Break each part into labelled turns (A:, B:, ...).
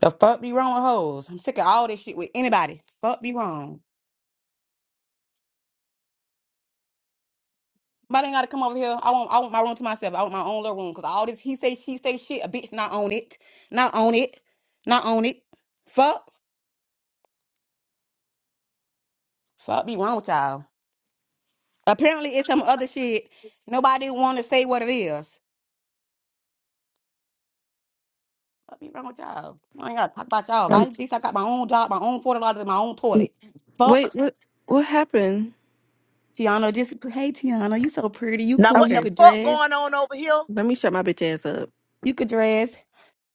A: The fuck be wrong with hoes? I'm sick of all this shit with anybody. Fuck be wrong. Somebody ain't gotta come over here. I want I want my room to myself. I want my own little room. Cause all this he say she say shit, a bitch not on it. Not on it. Not on it. Fuck. Fuck be wrong with y'all. Apparently it's some other shit. Nobody wanna say what it is. Fuck be wrong with y'all. I ain't gotta talk about y'all
B: Um,
A: life. Bitch, I got my own job, my own forty dollars, my own toilet.
B: Wait,
A: Fuck.
B: what what happened?
A: Tiana, just hey Tiana, you so pretty. You
C: Now
A: cool.
C: what
A: You
C: the
B: Okay,
A: could
C: fuck
A: dress.
C: going on over here?
B: let me shut my bitch ass up.
A: You could dress.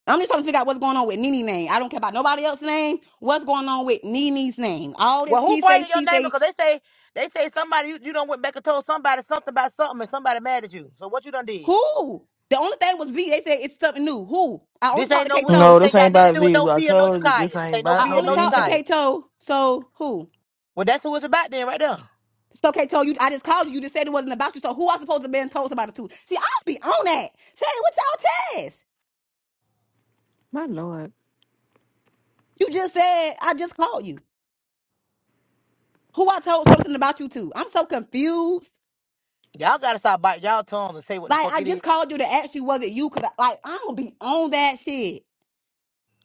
A: I'm just trying to figure out what's going on with Nene name. I don't care about nobody else's name. What's going on with Nene's name? All
C: Well,
A: this
C: who
A: he say,
C: bringing your
A: she
C: name?
A: say,
C: Because they say they say somebody you, you done went back and told somebody something about something and somebody mad at you. So what you done did?
A: who? The only thing was V. They said it's something new. Who? I only
C: This
A: talked
C: ain't
A: to
C: no this
D: No,
A: Kato.
D: this
C: ain't
D: ain't
C: got nothing to
D: about
C: do with
D: V.
C: no
D: I
C: V or no
D: told you
C: Jakaya.
D: this
C: This
D: ain't
C: ain't no
D: about
A: I
C: V or
D: no
A: only
C: no
D: V and
A: talked to
C: Jakaya.
D: K.
A: Kato. So who?
C: Well, that's who it's about then, right there.
A: So Kato, you I just called you. You just said it wasn't about you. So who I supposed to been told about it to? See, I'll be on that. Say what's y'all test?
B: My lord.
A: You just said I just called you. Who I told something about you to? I'm so confused.
C: Y'all gotta stop biting y'all tongues and say what the
A: Like
C: fuck
A: I
C: it is.
A: just called you to ask you was it you? Cause I, like I'm gonna be on that shit.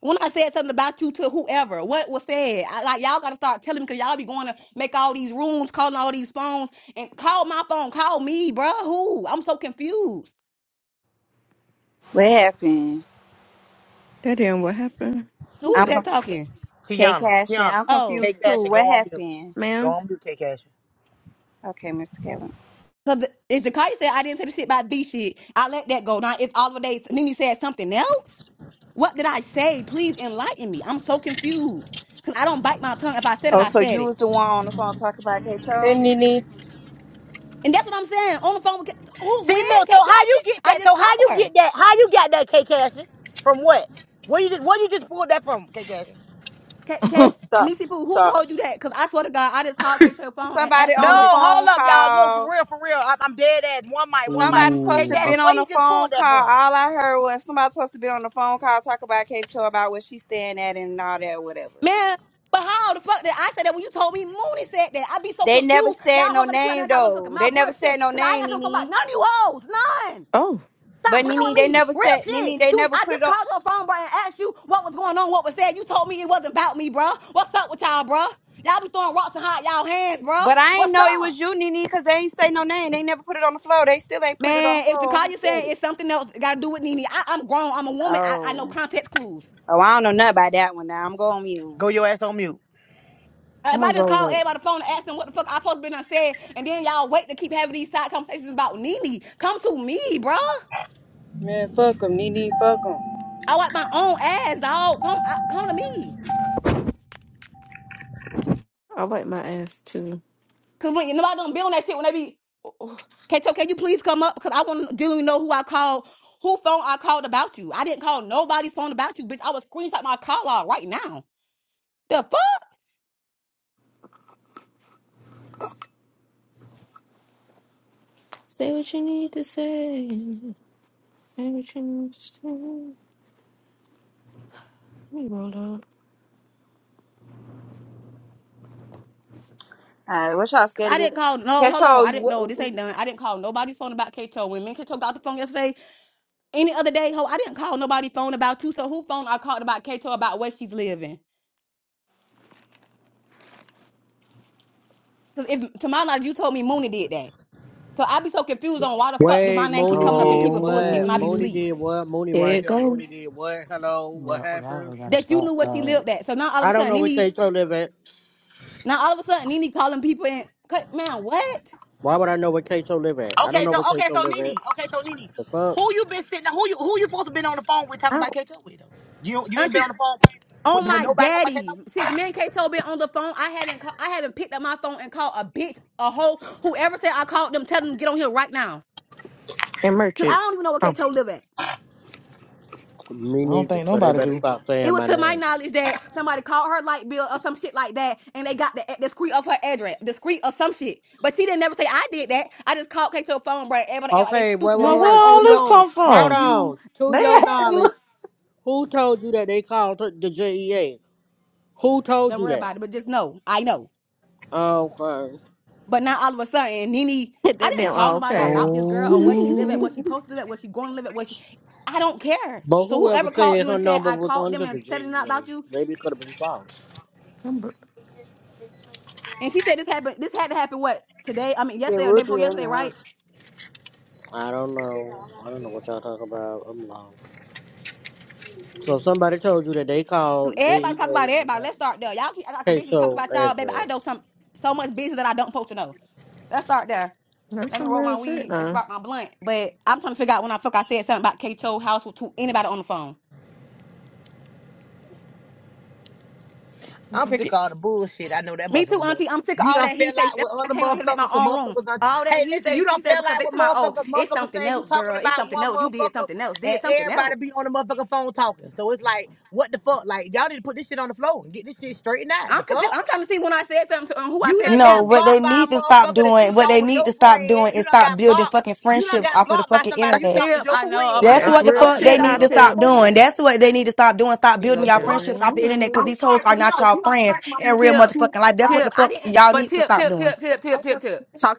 A: When I said something about you to whoever, what was said? I, like y'all gotta start telling me because y'all be going to make all these rooms, calling all these phones, and call my phone, call me, bruh. Who? I'm so confused.
E: What happened?
B: That damn what happened?
A: Who
B: Who
A: is
E: I'm
B: said?
A: that
B: it?
E: conf-
A: talking?
E: K
C: Tiana,
E: Cashin.
C: Tiana,
E: I'm
A: Oh,
C: K
E: confused
C: Cash,
E: too.
C: go
E: What
C: on mute.
E: happened?
C: Go
B: Ma'am.
C: on mute, K Cash.
E: Okay, Mr. Kevin.
A: because if Jakaya said I didn't say the shit about B shit, I let that go. Now it's all of days. Nene said something else. What did I say? Please enlighten me. I'm so confused because I don't bite my tongue. If I said it,
E: Oh,
A: I
E: so
A: said
E: you
A: it,
E: was the one on the phone talking about K
F: Hey
E: Cho?
F: Nene,
A: and that's what I'm saying on the phone. With, Ca- who?
C: See,
A: When?
C: look.
A: K
C: So
A: Cash
C: how you get
A: I
C: that?
A: just
C: So how you
A: called her.
C: get that? How you got that, K Cash? From what? Where you just? Where you just pulled that from, K Cash?
A: Kate, Kate,
F: stop,
A: Nisi Poo, who
F: stop.
A: told you that? Because I swear to God, I just called Kate to her phone and
E: Somebody
A: asked her,
C: No,
E: on
A: was
E: the
A: it,
E: phone
C: hold up, y'all. Look, for
E: call.
C: real, for real. I- I'm dead ass. One mic, one mic.
E: Somebody supposed
C: K
E: to
D: Ooh, a
E: been
C: Cashin,
D: f-
C: where
E: on
C: you
E: the
C: just
E: phone
C: pulled that
E: call.
C: from?
E: All I heard was somebody supposed to be on the phone call talk about K Cho about what she's staying at and all that, whatever.
A: man, but how the fuck did I say that when you told me Mooney said that? I be so
E: They never
A: confused. Y'all
E: said no
A: hoes gotta keep out
E: name
A: there y'all motherfucking
E: though. They
A: mouth, real
E: never said
A: shit.
E: no
A: Because I
E: name,
A: ain't got something about
E: Nene.
A: none of you hoes, none.
B: Oh,
A: Stop
E: But
A: playing
E: Nene, they
A: with me.
E: never
A: Real
E: said
A: shit.
E: Nene. They
A: You,
E: never
A: I
E: put
A: just
E: it on.
A: called your phone, bro, and asked you what was going on, what was said. You told me it wasn't about me, bro. What's up with y'all, bro? Y'all be throwing rocks and hot y'all hands, bro.
E: But I ain't
A: What's
E: know it
A: up?
E: was you, Nene, because they ain't say no name. They never put it on the floor. They still ain't put it on the
A: Man, if the
E: floor.
A: call
E: Who
A: you
E: said
A: saying
E: it?
A: it's something else, it got to do with Nene. I, I'm grown. I'm a woman. I, I know
E: Oh.
A: context clues.
E: Oh, I don't know nothing about that one now. I'm going mute.
C: Go your ass on mute.
A: Uh, If
B: I'm
A: I
B: gonna
A: just
B: roll
A: call
B: up.
A: everybody on the phone and ask them what the fuck I supposed to been done said, and then y'all wait to keep having these side conversations about Nene, come to me, bruh.
F: Man, fuck 'em, Nene, fuck 'em.
A: I wipe my own ass, dog. Come, I, come to me.
B: I'll wipe my ass too.
A: Cause when nobody don't be on that shit, when they be, Kato, can you please come up? Cause I want to dealing know who I called, who phone I called about you. I didn't call nobody's phone about you, bitch. I was screenshot my call out right now. The fuck?
B: Say what you need to say. Say what you need to say. Let me roll up.
E: All right, what y'all scared to
A: I didn't
E: get?
A: call. No,
E: Catch
A: hold on. I
E: hold.
A: didn't know. This
E: What?
A: ain't done. I didn't call nobody's phone about Kato. When me and Kato got the phone yesterday, Any other day, ho, I didn't call nobody phone about you. So who phone I called about Kato about where she's living? Because if to my knowledge, you told me Mooney did that. So I be so confused on why the fuck do
G: Wait,
A: my name keep
G: Mooney
A: coming up in
G: did
A: people bullshit
D: oh,
A: when
G: what?
A: I be
G: Mooney
A: sleep.
G: did what? Mooney
B: Here
G: right
B: it
G: here.
B: go.
G: Mooney did what? Hello, what
D: no,
G: happened?
D: I gotta
A: That you
D: stop,
A: knew where she
D: dog.
A: lived at. So now all of
G: I
A: a
G: don't
A: sudden
G: know where
A: Nene,
G: Kato live at.
A: now all of a sudden Nene calling people and man, what?
G: Why would I know where Kato live at? I don't
C: Okay,
G: know
C: so
G: where
C: okay,
G: Kato
C: so
G: live at.
C: Nene. Okay, so Nene.
G: The fuck?
C: Who you been sitting? Who you who you supposed to been on the phone with talking about
B: Out.
C: catch up with though? You you ain't been
A: Auntie,
C: on the phone
A: Oh
C: with, with
A: my
C: nobody talking about catch up.
A: daddy. Since me and Kato been on the phone, I haven't call, I haven't picked up my phone and called a bitch, a hoe, whoever said I called them, tell them to get on here right now.
B: And merch
A: Cause I
B: it.
A: don't even know where
B: Oh.
A: Kato live at.
G: Me
D: I don't
G: neither.
D: think
G: So they
D: nobody
G: better
D: do.
G: stop
A: It
G: saying
A: was
G: my
A: to my
G: name.
A: knowledge that somebody called her light bill or some shit like that, and they got the, the screen of her address, the screen or some shit. But she didn't never say I did that. I just called Kate to her phone, bro. Everybody act like they
G: Okay,
A: stupid
G: wait,
A: with
D: Now,
A: me,
G: wait,
A: like,
D: where
G: wait.
A: oh
G: To
D: all this
G: your,
A: no,
D: come
G: hold
A: not
D: from?
A: you.
G: on. To
D: They
G: your
D: had to
G: knowledge,
D: look.
G: who told you that they called her- the JEA? Who told
A: Don't
G: you
A: worry
G: that?
A: about it, but just know I know.
G: Okay.
A: But now all of a sudden, Nene,
B: Hit
A: I
B: that
A: didn't
B: damn
A: call
B: oh,
A: nobody
B: okay.
A: about this girl or what she live at,
D: Oh,
A: what she posted at, what she going to live at, what she. I don't care.
G: But
A: So
G: whoever
A: whoever called
G: said
A: you
G: her
A: and said
G: number
A: I
G: was
A: called
G: under
A: them
G: the
A: and said it not about
G: JEA,
A: you,
G: maybe it could have been false.
B: I'm br-
A: and she said this happened, this had to happen what today? I mean
F: Yeah,
A: yesterday or the
F: we'll
A: day
F: do
A: before
F: that in the
A: yesterday, right?
F: house.
G: I don't know. I don't know what y'all talk about. I'm lost. So somebody told you that they
A: Cause
G: called
A: everybody
G: GEA
A: talk about
G: and
A: everybody.
G: got
A: Let's start there. Y'all keep I got a bitch be talking
G: queso
A: about y'all, baby. I
G: address.
A: know some so much business that I don't supposed to know. Let's start there.
B: That's
A: Let me
B: some
A: roll
B: real
A: my
B: shit
A: weed and
B: now.
A: spark my blunt. But I'm trying to figure out when I fuck I said something about K Cho house to anybody on the phone.
C: I'm
B: Yeah.
C: sick of
A: Crickets.
C: all the bullshit. I know that
A: Me too,
C: motherfucker must.
A: Auntie. I'm sick of
C: You
A: all
C: not
A: that he
C: feel
A: say.
C: like
A: That's
C: with
A: why I
C: other
A: came on here to make my
C: motherfuckers. Some
A: own room.
C: motherfuckers done.
A: All that
C: Hey,
A: he
C: listen,
A: said,
C: you
A: she
C: don't
A: said,
C: feel
A: because
C: like
A: they
C: with
A: tell about, oh,
C: motherfuckers.
A: it's
C: Motherfuckers
A: something
C: saying you
A: else,
C: talking
A: girl. It's
C: about
A: something
C: one
A: else. You did
C: motherfucker
A: something else.
C: and
A: Did something
C: everybody
A: else.
C: be on the motherfucking phone talking. So it's like, what the fuck? Like, y'all need to put this shit on the floor and get this shit straightened out.
A: I'm
C: The
A: confused.
C: fuck?
A: I'm trying to see when I said something to and who I
C: You
A: said
C: done
A: it
H: No,
C: got
A: to.
H: what they
C: blocked by
H: need
C: a
H: to stop
C: motherfucker that you
H: doing, what
C: thought
H: they
C: was
H: need
C: your
H: to stop
C: friend.
H: doing
C: You
H: is
C: done
H: stop
C: got
H: building
C: blocked.
H: fucking
C: You done
H: friendships
C: got
H: off of the
C: blocked by
H: fucking
C: somebody
I: like
C: you
H: internet.
C: thought was
I: a
A: Tip,
C: your
A: I
I: couple weeks
A: know. Oh
I: ago.
A: my
C: friend.
H: That's
A: God.
B: That's
H: what
A: Here
H: the
I: I
A: go
B: real
I: was
H: fuck they
I: straight
A: Tip.
B: shit
I: out
A: Here
B: now,
H: need
I: here
H: to
A: go
I: for like
A: Tip.
H: stop
B: Tip.
I: four
A: Here go
H: doing.
I: months.
A: Tip.
H: That's what they need to stop doing. Stop
A: Here go
H: building y'all
A: Tip.
H: friendships off the internet because
B: hmm
I: Oh,
H: these
I: sorry,
H: hoes are
I: but
H: not
I: no,
H: y'all
I: you don't
H: friends
I: crack my
H: in real
A: Tip,
H: motherfucking life. That's what the
A: tip. I
H: fuck
A: didn't,
H: y'all
A: but
H: need to
A: tip,
H: stop
A: tip,
H: doing.
A: tip, tip, tip, tip, tip.
I: Talk.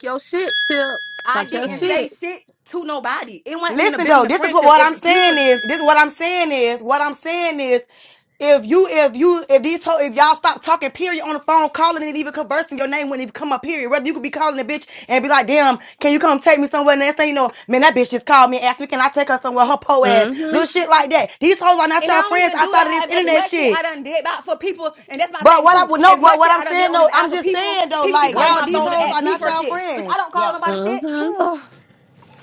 A: I didn't
C: Hmm.
A: say shit to nobody. It wasn't even a
H: Listen though,
A: building of
H: this is what,
A: friendship.
H: what I'm
A: If people,
H: saying
A: and
H: is this is what I'm saying is what I'm saying is if you if you if these ho- if y'all stop talking period on the phone calling and even conversing your name wouldn't even come up period whether you could be calling a bitch and be like damn can you come take me somewhere and next thing you know man that bitch just called me and asked me can I take her somewhere her po ass
I: Mm-hmm.
H: little shit like that these hoes are not
A: I
H: y'all
A: don't
H: friends
A: even do
H: outside of this
A: that as as
H: internet
A: much shit
H: shit
A: I done did about for people, and that's my
H: but
A: thing
H: what
C: What?
H: I
A: too.
H: would know
A: As
H: but
A: much
H: what
A: shit
H: I'm
A: I done did
H: saying
A: on
H: though
A: this
H: I'm
A: app for
H: just
A: people,
H: saying though
A: people be
H: like
A: calling
C: What?
H: y'all
A: my
H: these
A: phone to
H: hoes are
A: ask me
H: not
A: for
H: y'all
A: shit, bitch.
H: friends
A: I don't call
C: Yeah.
A: nobody shit.
I: Mm-hmm.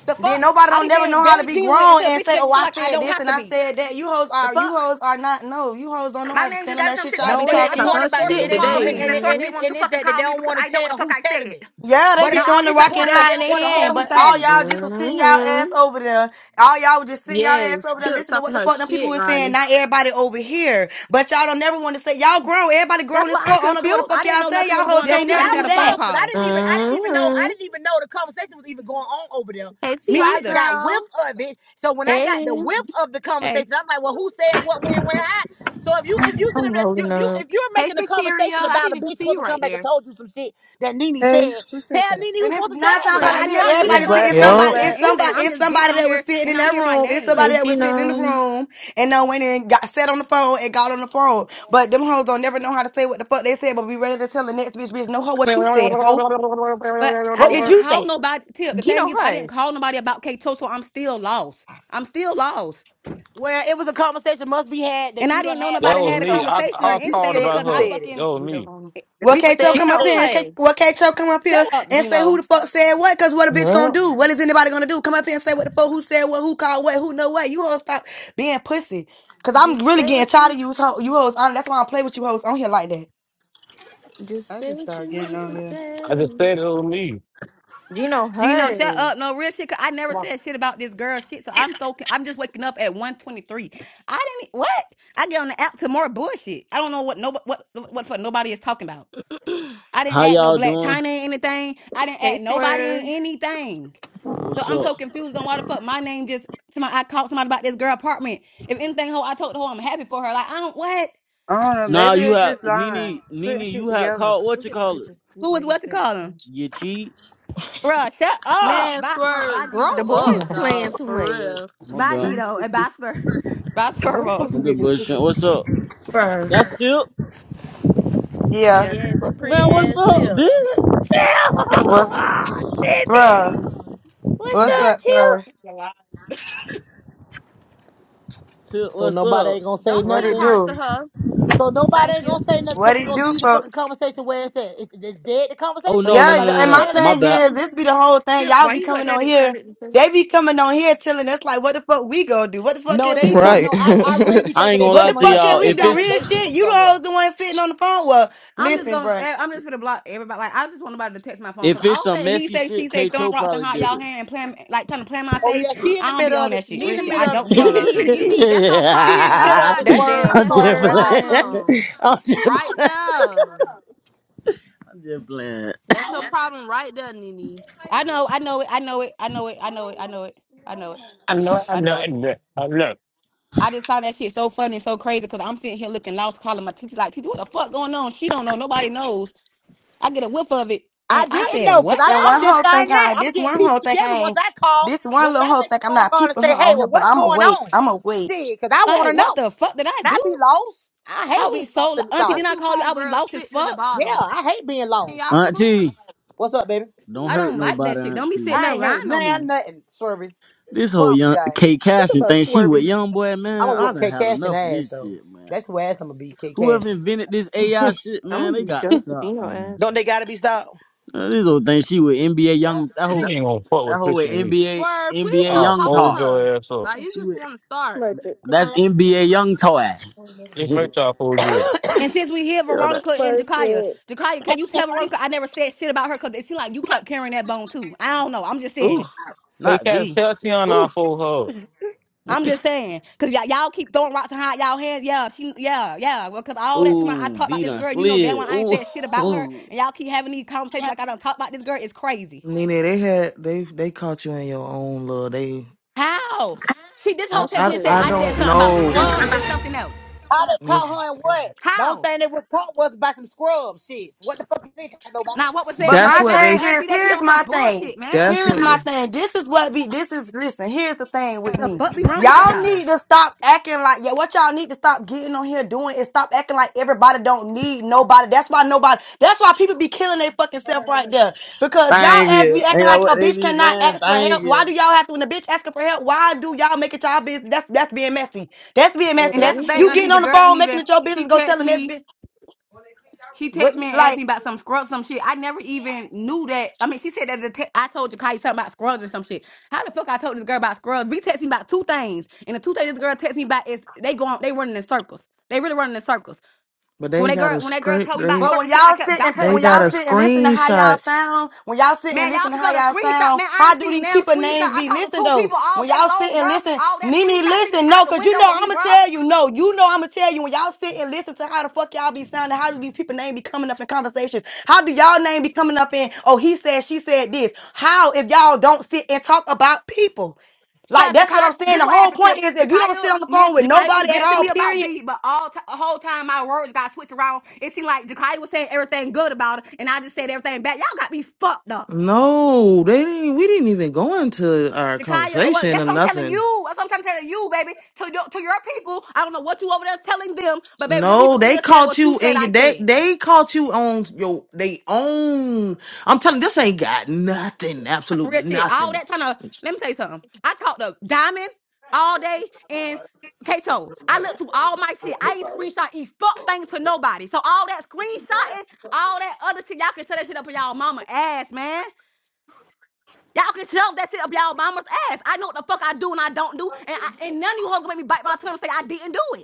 A: The
H: Then
A: fuck?
H: nobody
A: I
H: don't
A: be
H: never know
A: being
H: how to
A: very
H: be
A: genuine
H: grown
A: until
H: and
A: bitches
H: say,
A: make
H: "Oh,
A: me feel
H: I
A: like I
H: said
A: don't
H: this
A: have
H: and
A: to
H: I
A: be.
H: said that." You hoes
A: The
H: are you
A: fuck?
H: hoes are not no. You hoes don't know
A: My
H: how to
A: name
H: stand
A: just
H: on
A: got
H: that
A: some
H: shit
A: shit the
H: y'all
A: other
H: be
C: No, it
A: day.
C: ain't
I: Tip
A: I
C: the
I: talk
H: talking.
A: told
C: point
A: the
I: her
C: about
A: source
C: that.
A: to
I: shit
C: It ain't the
A: call
C: point,
A: me,
I: today.
A: and
C: and
A: the
C: it,
A: source
C: and
B: Oh.
A: didn't
C: it's
A: want
C: and
A: to
C: it's
A: fucking
C: that they
A: call me
C: don't
A: because
C: want to
A: I know what the
C: tell
A: fuck
C: who
A: I
C: telling
A: said.
C: it.
H: Yeah, they
C: But
H: be
A: Now
C: it,
A: all
H: throwing
A: of
H: the
A: a
C: it's the
A: sudden
H: rock
C: point
H: and
C: about
A: today
C: they
H: high in
C: don't
H: their
A: it's
C: want
A: a
C: to
A: whole
C: tell
H: hand,
A: new
C: who
H: but all
C: telling
A: thing.
C: it.
H: y'all just was sitting y'all
B: Mm-hmm.
H: ass over there. All y'all was just sitting y'all ass
I: Yes.
H: over there
I: Tip
H: listening to what
I: talking
H: the
I: her
H: fuck them people
I: shit,
H: was saying.
I: Rhonda.
H: Not everybody over here, but y'all don't never want to say y'all grown. Everybody grown
A: That's
H: as
A: why I'm
H: fuck. I don't know what the
A: confused. I
H: fuck
A: didn't
H: y'all
A: know
H: say.
A: nothing
H: Y'all
A: was
H: hoes
A: going
C: Yeah,
H: can't
A: on, so
C: see,
A: I
H: never
A: just
C: I
H: do
A: got a
C: was
H: that.
A: phone
C: lost because I
A: call.
C: didn't even I didn't even know I
B: Mm-hmm.
C: didn't even know the conversation was even going on over there.
I: Hey,
C: So
A: Me
C: I
I: Tiana
C: just
A: either.
C: got whiff
I: girl.
C: of it. So when I got the
B: Hey,
C: whiff of the conversation,
A: Hey,
C: I'm like, well, who said what, when, when, how? So if you if you sit
B: I'm
C: up there, you-
B: rolling
C: if you
B: up.
C: if you're
I: Hey,
C: making a
I: Sateria.
C: conversation
I: I
C: about a
I: didn't even
C: bitch
I: see
C: supposed
I: you
C: to
I: right
C: come back and
I: there.
C: told you some shit that Nene
F: Hey,
C: said,
F: who said
C: tell
F: that?
C: Nene who
H: And it's
C: supposed to
H: nine
C: said
H: times
C: it.
A: like
H: out of
A: I
I: Pretty.
C: Like,
H: ten,
A: never
C: stop
A: knew
F: Hey,
A: that
C: beating
H: everybody see
C: around
A: nobody
C: the
F: Black.
H: it's
A: said
C: bush
F: Hey,
C: and
H: somebody,
D: yep,
A: nothing or
C: shit,
F: Black.
H: it's
A: anything.
H: somebody,
C: stupid.
A: I'm
H: it's
A: just getting
H: somebody
A: on
H: that was
A: here
H: sitting
A: and
H: in
A: I
H: that
A: hear my
H: room. It's
A: name,
B: Hey,
H: somebody that was sitting in the
B: Gino.
H: room and no went and got sat on the phone and got on the phone. But them hoes don't never know how to say what the fuck they said, but be ready to tell the next bitch, bitch, no hoe, what you
J: That
H: said, hoe.
A: but I
H: What did
A: didn't
H: you
A: call
H: say?
A: nobody. Tip. The thing
B: Gino,
A: is, I didn't call
B: hush.
A: nobody about K2, so I'm still lost. I'm still lost,
C: Well, it was a conversation must be had that
A: and
C: you
A: I
C: done
A: didn't know
C: had by
A: nobody
J: was
A: had a
J: me.
C: K-Cho,
J: I
A: conversation or
C: and
J: I
C: the people
J: called
A: anything
C: said that
J: about
A: because
C: you
A: I
J: her.
C: said it.
J: That
A: fucking
J: was
H: We don't
J: me.
H: know.
A: eh,
C: The
H: Well,
C: people
H: can't you
C: said
H: come
C: you
H: up
B: Gino,
H: here
C: said it.
H: and can't, well,
B: hush.
H: can't you come up
A: shut
H: here
A: up,
H: and say who
A: Gino.
H: the fuck said what? Cause what a bitch gonna
D: yep,
H: do? What is anybody gonna do? Come up here and say what the fuck, who said what, who called what, who know what. You hoes stop being pussy. Cause I'm
B: Just
H: really
B: say
H: getting
B: what
H: tired
B: you.
H: of you, ho- you hoes on. That's why I don't play with you hoes on here like that.
B: Just
F: I
B: say
F: just
B: what
F: started
B: you
F: getting
B: need
F: on
B: to
F: here.
J: I just
B: say.
J: said it was me.
B: Gino,
A: Gino,
B: hush.
A: shut up. No real shit. 'cause I never
C: Come on.
A: said shit about this girl shit. So I'm so I'm just waking up at 123. I didn't e, what? I get on the app to more bullshit. I don't know what nobody what what for nobody is talking about. I didn't
K: How
A: add no
K: y'all
A: black
K: doing?
A: China in anything. I didn't
B: Hey,
A: add nobody in
B: Swerve.
A: anything. So
K: What's
A: I'm so
K: up?
A: confused on why the fuck my name just somebody I called somebody about this girl apartment. If anything, ho, I told the hoe I'm happy for her. Like I don't what?
F: I don't know.
K: Nah,
F: Maybe
K: you
F: they
K: had
F: just lying,
K: Nene, Nene,
F: putting shit
K: you had
F: together.
K: called what you
H: the
K: call it?
H: pictures.
A: Who was what to
H: sent.
A: call him?
K: Your cheats?
A: Bruh, shut up.
I: Man,
A: Bye Smirk, bye
I: Swerve, grow
B: The
A: Gino.
I: up,
B: boys
I: dog.
B: playing too
I: For
B: much.
I: real.
K: My
A: Bye
K: bad.
A: Gino and bye Smirk. Bye Spurvo.
K: I'm just bullshit. What's up?
H: Bruh.
K: That's Tip.
H: Yeah.
B: Yeah,
I: Yes,
B: that's
H: Wha-
I: pretty
K: Man,
B: too.
K: what's
I: ass
K: up,
I: tip.
K: bitch? Tip,
H: What's
K: Tippy.
H: bruh?
K: what's
H: What's
B: Like,
K: up,
H: up, sir?
K: Tip? Tip,
C: So
K: what's
C: nobody
K: up?
C: ain't gonna say
I: Don't
H: What
I: send
H: it
C: nothing.
I: hearts to
H: do?
I: her.
C: So nobody
I: Thank
C: ain't
I: you.
C: gonna say nothing. So
H: What
C: we
H: it
C: gonna
H: do,
C: leave the fucking
H: folks?
C: conversation where it's at. It's, it's dead. The
K: Oh
C: conversation. then
K: no, no,
H: Yeah,
K: no,
C: Nobody ain't
K: no,
H: and
C: gonna
H: my
K: no.
C: tell it.
K: My
H: thing
K: bad.
H: is, this be the whole thing.
B: shit,
H: Y'all
B: why
H: be
B: you
H: coming
B: wasn't
H: on
B: that
H: here.
B: excited? to say-
H: They be coming on here telling us like, what the fuck we gonna do? What the fuck
C: No,
H: can
C: they
H: we
C: become
H: do?
D: right.
C: no. I I really be
K: I
C: thinking
K: ain't
C: they
K: gonna
H: What
K: lie
H: the
C: become
K: to
H: fuck
C: a
H: can
K: y'all.
H: we
C: fucking
K: If
H: do?
K: it's
H: Real
C: validation
H: shit.
C: from
H: You the
C: somewhere.
H: whole the one sitting on the phone. Well,
A: I'm just
H: listen,
A: gonna.
H: bruh.
A: eh, I'm just gonna block everybody. Like I just want nobody to text my phone
K: if
A: because
K: it's
A: all
K: some
A: that he
K: messy
A: say, she
K: shit,
A: say,
K: K.
A: throwing
K: Cho
A: rocks and
K: probably
A: hot
K: did
A: y'all
K: it.
A: hand and playing, like trying to play in my
C: Oh
A: face.
C: yeah, she in the
A: I don't be
C: middle
A: on
C: of it.
A: that shit.
C: She in
A: Real
C: the
A: shit. I
C: middle
I: Nene,
C: of it,
A: don't be on that
C: swerve.
I: Nene,
A: shit.
I: Nene, that's your
C: She in
I: problem
C: the middle of
I: nah,
C: it,
B: That
C: swerve.
I: Nene.
B: damn
C: You
K: I'm
I: That's
C: caught
I: your
K: just
C: the red
B: Swerve,
C: eye.
B: man.
K: playing.
I: problem.
K: I'm just
I: Right
K: playing.
I: there.
K: I'm just playing.
I: That's your problem right there, Nene.
A: I know. I know it. I know it. I know it. I know it. I know it. I know it.
J: I know. I
A: I
J: know.
A: know
J: I
A: it.
J: know. I know.
A: I just find that shit so funny and so crazy because I'm sitting here looking lost, calling my teacher like, teacher, what the fuck going on? She don't know. Nobody knows. I get a whiff of it
C: I
A: and I
C: didn't
A: said,
C: know because
A: what
H: And
A: now?
C: I'm
H: one
C: just
H: whole think
C: starting
H: I
C: that.
H: ain't.
C: I'm
H: This
C: getting
H: one
C: pieces
H: whole think
C: together
H: I
C: once
H: ain't.
C: I call,
H: This one
C: once
H: little
C: I
H: whole
C: make a
H: think I'm
C: phone
H: not
C: call and
H: peeping her
C: say, hey,
H: on
C: well,
H: here. But
C: what's
H: I'ma
C: going
H: wait.
C: on?
H: I'ma wait.
C: Shit, because I want to
A: Like, what
C: know.
A: the fuck did I
C: When I
A: do?
C: be lost, I
A: I
C: hate being
A: was
C: lost
A: so
C: in the
A: auntie.
I: My
C: sauce.
A: Didn't I
I: two
A: call you? I was
I: homegirls
A: lost as
I: sitting at the
A: fuck.
C: Yeah,
I: bottom.
C: I hate being
I: Can
C: lost.
I: y'all come up?
K: Auntie,
C: What's up, baby?
K: don't
A: I
K: hurt
A: don't like
K: nobody,
A: that shit. Don't be sitting
K: Auntie.
C: I
A: there
C: ain't heard
A: lying on
C: nothing,
A: me.
C: nothing, sorry.
K: This whole
C: Promise
K: young
C: you I ain't.
K: K
B: Think
K: Cashin thing,
B: about
K: she with
B: swerving.
K: young boy,
C: I'm
K: man.
C: going to
K: I
C: whoop
K: done
C: K
K: had
C: Cash and
K: enough of
C: ass,
K: this
C: though.
K: shit, man.
C: That's who ass I'm going to beat, K Cash.
K: Whoever invented this AI shit, man,
B: I'm gonna
K: they
B: be
K: got to
B: drunk with
K: stop,
B: Gino
K: man.
B: ass.
C: Don't they got to be stopped?
K: Uh, this whole thing, she with NBA young that
J: You
K: whole
J: ain't gonna fuck
K: that
J: with
K: whole
J: Christian
K: with
J: and me.
K: NBA
I: Word, please
K: NBA
I: stop
J: I'll
K: young
I: talking to
J: fold
K: toy.
I: her.
J: your ass up.
I: Like, you
K: She
I: just
K: with
I: want to start.
B: Merchant.
K: that's NBA young toy.
J: Just
K: you
J: make sure I fold you up.
A: And since we hear
K: know that?
A: Veronica and Jakaya,
B: Merchant.
A: Jakaya, can you tell Veronica I never said shit about her? Cause it seemed like you kept carrying that bone too. I don't know. I'm just
K: Ooh,
A: saying.
J: Hey,
K: not
J: Cash,
K: V.
J: tell Tiana I
K: Ooh,
J: fold her. up.
A: I'm just saying. Cause y'all, y'all keep throwing rocks and hide y'all hands. Yeah, she, yeah, yeah. Well, cause all that time I
K: ooh,
A: talk about
K: V
A: this
K: done
A: girl, you know damn well
K: slid.
A: I ain't
K: Ooh,
A: said shit about her.
K: Ooh,
A: And y'all keep having these conversations like I don't talk about this girl. It's crazy.
D: Nina, they had they they caught you in your own love. They,
A: How? She this whole
D: I,
B: What she
D: I,
A: testament said
D: I
B: said?
A: I said
D: don't
A: something about
D: know.
A: scrubs and something else.
C: I done
D: They-
C: caught her in what? The only
A: How?
C: thing that was caught was by some scrub shits. What the fuck you think? Nobody?
A: Now what was
H: But
A: that? Now
D: That's
H: my
D: what they.
A: exactly,
H: thing
D: s-
H: is,
A: Auntie, they be
H: here's
A: on some
H: my thing.
A: bullshit, man.
D: That's
H: Here is
D: what
H: my
D: they.
H: thing. This is what be. This is listen. Here's the thing with
A: The
H: me.
A: fuck be wrong with
H: Y'all
A: y'all?
H: need to stop acting like yeah. What y'all need to stop getting on here doing is stop acting like everybody don't need nobody. That's why nobody. That's why people be killing their fucking self right there. Because y'all
K: thank
H: as be
K: you. Ain't
H: acting
K: that
H: like
K: what
H: a
K: they
H: bitch
K: be
H: cannot
K: saying?
H: ask for
K: Thank
H: help. Why
K: you.
H: do y'all have to? When a bitch asking for help, why do y'all make it y'all business? That's that's being messy. That's being messy.
A: And
H: That's
A: that's the thing,
H: you
B: Mm-hmm.
A: Auntie.
H: getting
A: The
H: on the
A: girl ain't
H: phone, making
A: even.
H: it your
A: She
H: business, go
A: text
H: telling this
A: me.
H: bitch
A: She
H: what
A: text me and
H: like.
A: asked me about some scrubs, some shit. I never even knew that. I mean, she said that the te- I told Jakai something about scrubs and some shit. How the fuck I told this girl about scrubs? We texting about two things, and the two things this girl text me about is they going, they running in circles. They really running in circles.
D: But they
A: When that
D: got
A: girl,
D: a
A: when that girl
D: script.
A: told me
D: They
A: about
H: But when
A: certain shit, I
H: y'all
A: kept
H: sit and
A: vouching
H: pay,
A: for
D: They
H: when
A: this
H: y'all
D: got a
A: girl.
H: sit and listen to how y'all
D: screenshot.
H: sound, when y'all sit and
A: Man,
H: listen
A: y'all
H: to
A: keep
H: how
A: on the
H: y'all
A: screenshot.
H: sound,
A: Man, I
H: how
A: ain't
H: do
A: seen
H: these
A: damn
H: people
A: screenshot.
H: names
A: I
H: be
A: talked to
H: listened
A: two
H: though?
A: people all
H: When
A: day
H: y'all sit
A: long,
H: and
A: bro.
H: listen,
A: All that
H: Nene,
A: screenshot shit is
H: listen,
A: out
H: no,
A: the
H: cause you
A: window
H: know
A: with me,
H: I'ma
A: bro.
H: tell you, no, you know I'ma tell you. When y'all sit and listen to how the fuck y'all be sounding, how do these people name be coming up in conversations? How do y'all name be coming up in? Oh, he said, she said this. How if y'all don't sit and talk about people? Like
A: Cause
H: that's what
A: Jakaya,
H: I'm saying.
A: this
H: The
A: what
H: whole
A: happened to him.
H: point is if you don't
A: Jakaya,
H: sit on the
A: man,
H: phone with
A: Jakaya was
H: nobody at
A: venting
H: all,
A: me
H: period,
A: about B, but all t- the whole time my words got switched around. It seemed like Jakaya was saying everything good about it, and I just said everything bad. Y'all got me fucked up.
D: No, they didn't. We didn't even go into our
A: Jakaya, oh, well,
D: conversation or
A: that's what I'm telling
D: nothing.
A: you. That's what I'm telling you, baby. To your, to your people, I don't know what you over there telling them, but baby, them
D: No,
A: people
D: they
A: still saying
D: caught
A: what you
D: you
A: said.
D: in your
A: I
D: they
A: said.
D: they caught you on your they own. I'm telling this ain't got nothing,
A: real
D: absolutely
A: shit. All
D: nothing.
A: that trying to let me tell you something. I talked to Diamond all day and Kato. I looked through all my shit. I ain't screenshot e fuck things to nobody. So all that screenshotting, all that other shit, y'all can shut that shit up in y'all mama ass, man. Y'all can shove that shit up y'all mama's ass. I know what the fuck I do and I don't do, and I, and none of you hoes gonna make me bite my tongue and say I didn't do it.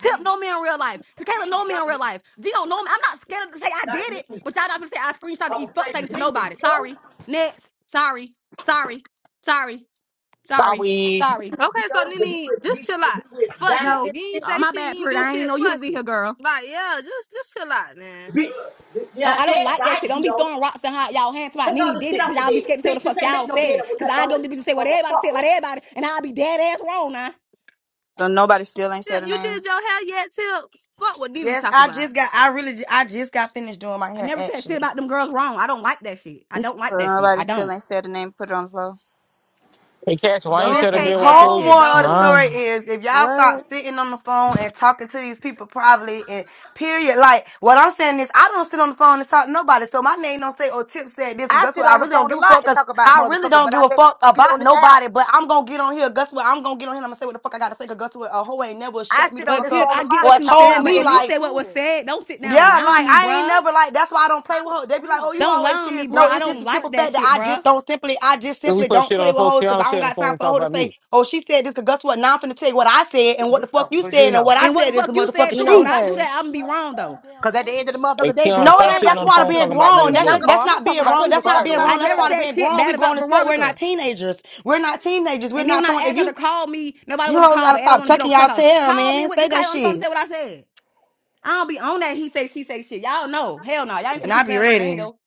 A: Pimp know me in real life. Tequila know me in real life. V don't know me. I'm not scared to say I did it, but y'all not gonna say I screenshot and
C: I'm a
A: eat fuck things to nobody.
C: stranger.
A: Sorry. Next. Sorry. Sorry. Sorry. Sorry.
J: Sorry.
A: Sorry.
I: Okay,
C: Vito,
I: so
C: we would,
I: Nene, just
C: we,
I: chill out.
C: we would
I: Fuck it.
C: dive
A: No.
I: If you ain't
C: shit.
A: Uh,
I: say
A: my
I: shit,
A: bad,
I: you ain't
A: Prude.
I: do
A: I ain't
I: shit,
A: know you was
I: fuck
A: in here,
I: it.
A: girl.
I: Like, yeah, just just chill out, man.
C: Bitch, you know
A: No,
C: what
A: I
C: I
A: don't
C: said?
A: like that shit.
C: Dive, you
A: Don't be
C: know.
A: throwing rocks and hot y'all hands about
C: Take
A: Nene
C: all the
A: did
C: shit
A: it, cause
C: off the
A: y'all be
C: bed.
A: scared to say what the
C: Bitch, you
A: fuck
C: can't make
A: y'all
C: no bed
A: said.
C: up with
A: Cause
C: nothing
A: I
C: on
A: go
C: it,
A: to bitch and say what everybody said
C: motherfucker.
A: about everybody, and I'll be dead ass wrong now.
E: So nobody still ain't said
I: Tip,
E: a
I: you
E: name?
I: did your hair yet, Tip? Fuck what Nene
H: Yes,
I: talk
H: I
I: about.
H: just got. I really. ju- I just got finished doing my
A: I
H: hair.
A: never said shit
H: Actually,
A: about them girls wrong. I don't like that shit. I
H: it's
A: don't like
E: So
A: that shit.
E: nobody
A: I
E: still
A: don't.
E: ain't said a name, put it on the floor?
J: Hey, Cash, why ain't
I: No
J: tell the
H: Listen,
I: K
J: girl I
I: Cash
H: whole
J: told
I: shit,
H: moral
J: you?
H: of the
I: no.
D: Nah,
H: story is if y'all stop
E: What?
H: sitting on the phone and talking to these people privately and period, like what I'm saying is I don't sit on the phone and talk to nobody. So my name don't say oh Tip said this because
C: I
H: guess
C: sit
H: what? I
C: on the
H: really don't
C: phone a
H: give a
C: lot
H: fuck
C: and
H: because
C: talk about
H: I really
C: motherfucker,
H: don't
C: but
H: give
C: I
H: a
C: bet you
H: fuck
C: won't get on
H: about
C: this app.
H: nobody. But I'm gonna get on here. Guess what? I'm gonna get on here and I'm gonna say what the fuck I gotta say say because guess what? A hoe ain't never
C: I
H: shut me the
C: sit on
A: But
H: fuck
C: this
A: Tip,
H: up
C: phone a
A: I get
C: lot
H: or
A: what
C: and
A: you
C: talk
A: saying,
H: told
C: about
A: but
H: me
A: at
I: Yeah, the
C: motherfucker.
A: least say
H: like
A: what was
I: sewer.
A: said. Don't sit down and
H: yeah,
A: lie on
H: like
A: me,
H: I ain't
A: bruh.
H: never like that's why I don't
I: I'm
H: play with
I: so
H: hoes. They be like,
I: stoned.
H: "Oh, you
A: Don't
H: always
A: lie on
H: serious."
A: me, bruh.
H: No,
A: I
H: it's
I: I'm
H: just
I: really
A: don't
H: the
A: like
H: simple
A: that
H: fact
I: sparking.
H: that
A: shit,
H: I just
A: bruh.
H: don't simply, I just
J: If we
H: simply
J: put
H: don't
J: shit on
H: play
J: the
H: with
J: phone.
H: hoes because
J: Tiana
H: I
J: shit
H: don't
J: on the
H: got
J: phone
H: time
J: and
H: for a
J: talk
H: hoe to
J: about
C: Yes,
H: say,
J: me.
H: "Oh, she said this." Because guess what? Now I'm finna tell you what I said and what
C: you
H: the fuck
C: know,
H: you
I: I
C: you
H: said
I: ain't
H: and what
C: know.
H: I
A: And
I: fucking
A: what the
H: said
I: talk
H: is the
A: fuck
I: yet,
A: you
I: but I'm
A: said
H: motherfucking
A: too, 'cause
I: really
B: Gino
A: when
H: truth.
A: I do
I: starting to
A: that, I'm gonna
B: Hush.
A: be
I: rub my
A: wrong
I: these
A: though.
I: damn
C: Cause at the
I: gloves.
C: end of the motherfucker
J: Hey,
C: day, bitch,
J: Tiana,
H: No, it
J: stop
H: ain't.
J: sitting
C: everybody
H: That's
J: on
C: was
J: the
H: part of
J: phone
C: talking about
H: being
J: talking
C: bitch. I
J: about
C: couldn't
J: me
C: have
J: to
H: grown.
C: been
H: That's
C: talking
J: blue.
C: about
B: Oh,
H: that's
B: I'm gonna
H: not
B: talk
H: being
C: I
B: about
H: wrong.
C: couldn't
B: you
C: have
H: That's
C: been
H: not
C: talking
H: being
C: about
A: I
H: wrong. That's
B: regardless.
A: never
H: part
C: myself.
H: of
A: said
H: being
A: shit
H: grown. We
A: bad about
H: grown as fuck. We're not
A: Veronica.
H: teenagers. We're not teenagers. We're
A: And then
H: not
A: when I
H: throwing. If
A: asked her
H: you
A: to call me, nobody
H: you
A: wanna
H: hoes
A: call,
H: gotta
A: but everybody
H: stop
A: wanna get on
H: tucking y'all
A: Clubhouse.
H: tail,
A: Call me
H: man.
A: with
H: Say that
A: Jakai on the phone
H: shit,
A: and say what I said. I don't be on that he say she say shit. Y'all know. Hell no. Y'all ain't
H: and
A: finna
H: I
A: keep
H: be
A: playing my name
H: ready.
A: though.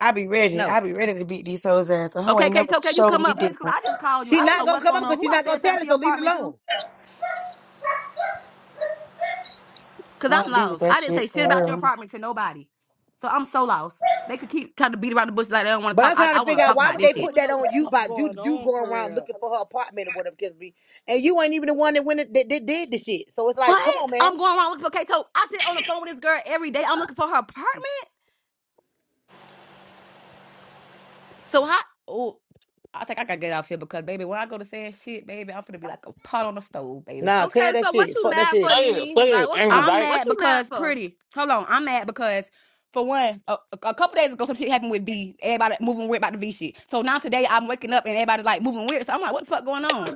H: I be ready.
A: No.
H: I be ready to beat these hoes ass. A hoe
A: Okay,
H: ain't
A: K.
H: never
A: can you
H: showed
A: come
H: me
A: up, please? Cause
H: different.
A: I just called you.
C: She
A: I don't
C: not
A: know
C: gonna
A: what's
C: come up
A: going on.
C: because
A: Who
C: she's
A: I
C: not gonna
A: said something
C: tell it,
A: to your
C: so leave it
A: apartment to?
C: alone.
A: Cause
H: I
A: I'm
H: don't be with
A: lost.
H: that
A: I didn't say
H: shit
A: shit
H: for
A: about your
H: real.
A: apartment to nobody. So I'm so lost. They could keep trying to beat around the bush like they don't want to
C: But
A: talk.
C: I'm
A: I,
C: trying to
A: I want
C: figure
A: to
C: out
A: talk
C: why
I: I
A: about
C: would
A: this
C: they
I: don't
A: shit.
C: put
I: even
C: that
I: know what the
C: on you
I: fuck
C: by you
I: going
C: you
I: on
C: going
I: for
C: around
I: real.
C: looking for her apartment or whatever it be, and you ain't even the one that went that, that did the shit. So it's like, come on,
A: What?
C: man.
A: I'm going around looking for Kato. I sit on the phone with this girl every day. I'm looking for her apartment. So how? Oh, I think I gotta get off here because baby, when I go to saying shit, baby, I'm gonna be like a pot on the stove, baby.
C: Nah,
I: Okay,
C: tell that
I: so what
C: shit.
I: you
C: Fuck that
I: mad for,
C: shit.
J: Hey,
I: Nene?
J: play
I: Like,
J: it.
I: what's
J: Angry
I: up?
A: I'm
J: Dyke.
I: What
A: mad
I: you mad
A: because
I: for?
A: pretty. Hold on, I'm mad because for one, a, a a couple days ago, some shit happened with V. Everybody moving weird about the V shit. So now today, I'm waking up and everybody's like moving weird. So I'm like, what the fuck going on?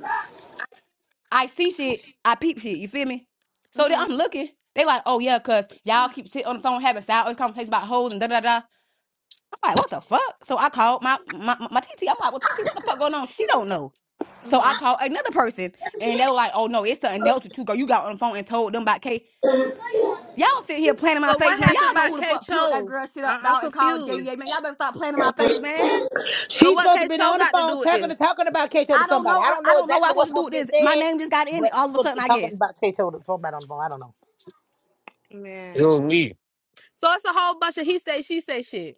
A: I see shit, I peep shit. You feel me? So then I'm
I: Mm-hmm.
A: looking. They like, oh yeah, cause y'all keep sitting on the phone having side conversations about hoes and da da da. I'm like, what the fuck? So I called my my my my TT. I'm like, well, TT, what the fuck going on? She don't know. So I
I: Mm-hmm.
A: called another person, and they were like, oh no, it's something else with you, girl. You got on the phone and told them about K. Y'all sitting here playing in my
I: So
A: face,
I: what
A: man.
I: happened
A: Y'all know who
I: about
A: the
I: K
A: fuck peeled that
I: Cho?
A: girl shit up,
I: I- I'm
A: dog, and called
I: confused.
A: JDA, man. Y'all better stop playing in my face, man.
I: So
C: She's
I: what
C: supposed to
I: K
C: been
I: Cho
C: on the
I: got to
C: phone
I: do with
C: talking
I: this?
C: talking about Kato to
A: I don't
C: somebody.
A: know.
C: I
A: I
C: don't
A: I
C: know
A: don't know what I'm
C: exactly what's
A: supposed to do
C: supposed to
A: with
C: be
A: this. My
C: said,
A: name just got in it
C: but
A: all
C: she's
A: of a
C: supposed to
A: sudden,
C: be
A: I guess.
C: talking about Kato to somebody on the phone. I don't know.
J: It was
I: Man.
J: me.
I: So it's a whole bunch of he say, she say shit,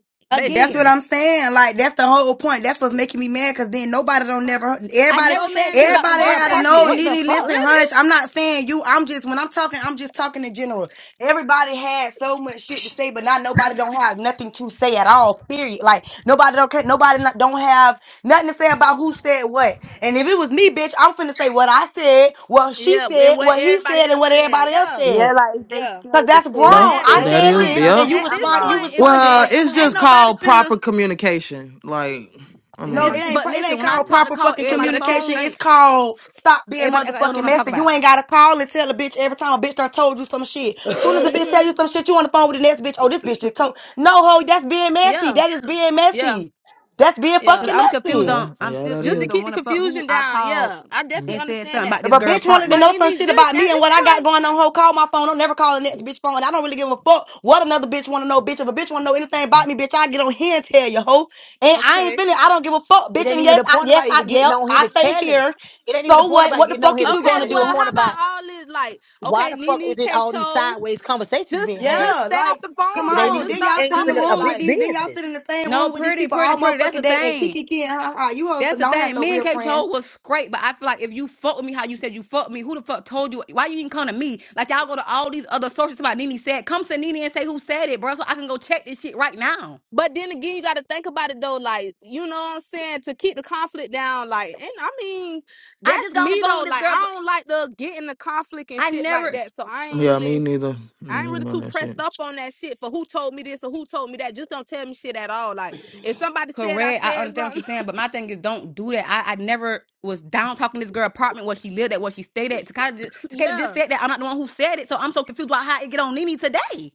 H: That's
I: basically.
H: what
A: Again.
H: I'm saying. Like that's the whole point. That's what's making me mad. Cause then nobody don't never.
A: I
H: Everybody,
A: never
I: So
A: said
I: man,
A: shit about
I: just
A: this
H: everybody
I: fuck
A: girl
H: had to
I: that
A: apartment.
H: know.
A: What
I: shit.
A: the
H: Nene, listen,
A: fuck?
I: Really?
H: hush. I'm not saying you. I'm just when I'm talking, I'm just talking in general. Everybody had so much shit to say, but not nobody don't have nothing to say at all. Period. Like nobody don't care. Nobody not, don't have nothing to say about who said what. And if it was me, bitch, I'm finna say what I said, what she
I: Yeah, and
H: said,
I: what
H: what he
I: everybody
H: said, and
I: else
H: what
I: said.
H: everybody else
I: Yeah.
H: said.
E: Yeah, like if they
I: Yeah.
H: Cause
E: scared to
H: that's grown.
E: say
I: But
D: yeah,
E: who
I: at
H: I
I: this
E: said
D: that
E: it
H: said
E: or
D: is
I: point,
H: this,
D: yeah.
H: and
E: something,
H: you
I: at
E: I'm
I: this
H: respond. You
I: point,
E: lost.
I: if,
H: responded
D: Well,
I: if
H: like, "Come
D: it's
I: ain't
D: just
H: on,
I: nobody
D: called
I: finna
D: proper communication. Like, I
H: no,
A: This,
H: it
I: my
D: mean,
H: ain't.
I: shoes.
A: but
H: pro- It
A: listen,
H: ain't
A: when I
H: called
A: talk to
H: proper
A: call
H: fucking
I: Oh
A: everybody
I: yeah, that shit
H: communication.
A: phone,
H: It's
I: stink.
H: called stop being
A: everybody act like they don't know
H: motherfucking
A: what I'm talking
H: messy. You
A: about.
H: ain't gotta call and tell a bitch every time a bitch done told you some shit. Soon as a bitch tell you
I: Mm-hmm.
H: some shit, you on the phone with the next bitch. Oh, this bitch just told. No, ho, that's being messy.
I: Yeah,
H: That is being
I: yeah,
H: messy. That's being
I: yeah.
A: Cause
H: fucking
A: I'm confused
H: messy.
D: yeah,
A: on, I'm
D: yeah,
A: still
D: that
I: Just to
A: confused
D: is.
A: on
I: keep the
A: when the fuck who
I: confusion
A: I
I: down.
A: called
I: Yeah, I
D: Mm.
I: definitely
A: and said
I: understand
A: something
I: that.
A: about
H: If
A: this
H: a
A: girl
H: bitch wanted to
I: But
A: apartment.
H: know some
I: Nene,
H: shit
I: just
H: about me
I: at
H: and
I: this
H: what I got
I: point,
H: going on, ho, call my phone. Don't never call the next bitch phone. I don't really give a fuck what another bitch want to know, bitch. If a bitch want to know anything about me, bitch, I get on here and tell you, ho. And I ain't
I: okay,
H: feeling. I don't give a fuck,
C: It
H: bitch.
C: ain't
H: And
C: even
H: yes,
C: the
H: I,
C: point
H: yes,
C: about
H: I,
C: even getting
H: yep,
C: on here
H: I
C: to
H: stay
C: tell it.
H: here.
C: It ain't even the
H: So
C: point
H: what?
C: about
H: What the
C: getting on
H: fuck
C: here
H: is
C: to
H: you
C: tell
I: okay.
H: gonna
C: it. It's the
I: Well,
H: do?
C: point
I: how about
C: about
I: all this? Like,
C: why
I: okay,
C: the fuck is
I: Nene,
C: it
I: K.
C: all these
I: Cho,
C: sideways conversations
I: just
C: being had
I: just
H: Yeah,
I: stay off
H: like,
C: about
I: the
C: some shit
H: come
I: phone.
C: that ain't
I: Like,
H: on.
I: just
C: even
H: Then
I: stop
H: y'all
C: ain't
H: sit in the
C: even a,
I: talking.
C: a
H: room
C: bitch
H: with
I: Like.
H: these. Then y'all
C: business.
H: sit in the same
A: No,
H: room with these
A: pretty,
H: people
A: pretty,
H: all
A: pretty. That's
H: motherfucking
A: the
H: day and
A: thing.
H: kiki kiki and ha ha. You hoes
A: That's the
H: don't have
A: thing.
H: no
A: Me and
H: real
A: K.
H: friends.
A: Cole was great, but I feel like if you fuck with me, how you said you fuck me, who the fuck told you? Why you even come to me? Like y'all go to all these other sources about Nene said. Come to Nene and say who said it, bro, so I can go check this shit right now.
I: But then again, you got to think about it though. Like, you know what I'm saying? To keep the conflict down, like, and I mean,
A: I
I: that's
A: just got on
I: me
A: the phone
I: though.
A: with this
I: Like,
A: girl. For,
I: I don't like to get in the conflict and
A: I
I: shit like
A: never
I: that. So I ain't
D: Yeah, me
I: really,
D: neither.
I: I ain't
D: Mm,
I: really
D: none
I: too
D: of that
I: pressed
D: shit.
I: up on that shit for who told me this or who told me that. Just don't tell me shit at all. Like, if somebody said I
A: correct. I
I: said
A: understand what you're
I: something,
A: saying, but my thing is don't do that. I, I never was down talking to this girl apartment where she lived at, where she stayed at. Takeda just, Takeda just
I: yeah.
A: said that. I'm not the one who said it, so I'm so confused about how it get on Nene today.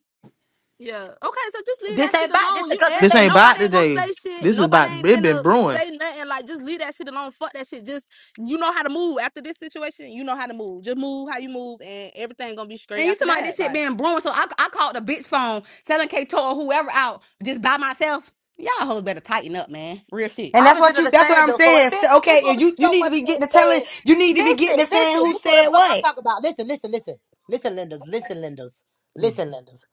I: Yeah. Okay, so just leave
C: This
I: that
C: ain't
I: shit
C: about this
I: alone. You
C: because this
I: air
D: This
I: and
C: ain't
D: ain't about
I: nobody ain't gonna
D: today.
I: say shit.
D: This is
I: Nobody
D: about
I: ain't
D: it been
I: finna
D: brewing.
I: say nothing. Like just leave that shit alone. Fuck that shit. Just you know how to move after this situation. You know how to move. Just move how you move, and everything gonna be straight
A: And you
I: after
A: talking about this
I: that.
A: shit
I: Like,
A: being brewing, so I, I called the bitch phone, selling K to or whoever out just by myself. Y'all hoes better tighten up, man. Real shit.
H: And that's
C: opposite
H: what
C: of
H: you.
C: the
H: That's what
C: same
H: I'm
C: though. So if
H: saying.
C: it,
H: St-
C: if it's
H: Okay,
C: supposed
H: if
C: to be
H: you you
C: so
H: need to
C: much
H: be
C: being
H: getting to telling,
C: said,
H: you need to be getting to
C: listen,
H: saying
C: listen.
H: who
C: This what the
H: said
C: fuck I'm
H: what.
C: talking about. Listen, listen, listen, listen, Linders, listen, Linders,
D: Mm,
C: listen, Linders.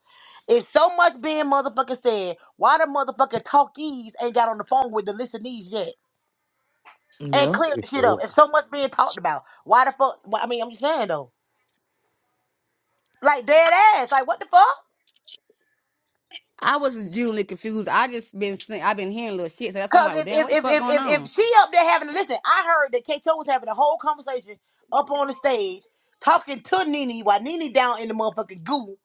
C: If so much being motherfucking said, why the motherfucking talkies ain't got on the phone with the listenees yet and
D: Yeah,
C: cleared the
J: It's
C: shit up?
J: you.
C: If so much being talked about, why the fuck? Why, I mean, I'm just saying though, like dead ass. Like what the fuck?
A: I was genuinely confused. I just been seeing, I've been hearing little shit, so that's why I'm
C: Cause
A: like, well,
C: if
A: damn,
C: if
A: what the
C: if
A: fuck
C: if
A: going
C: if,
A: on?
C: if she up there having to listen, I heard that Kato was having a whole conversation up on the stage talking to Nene while Nene down in the motherfucking goo,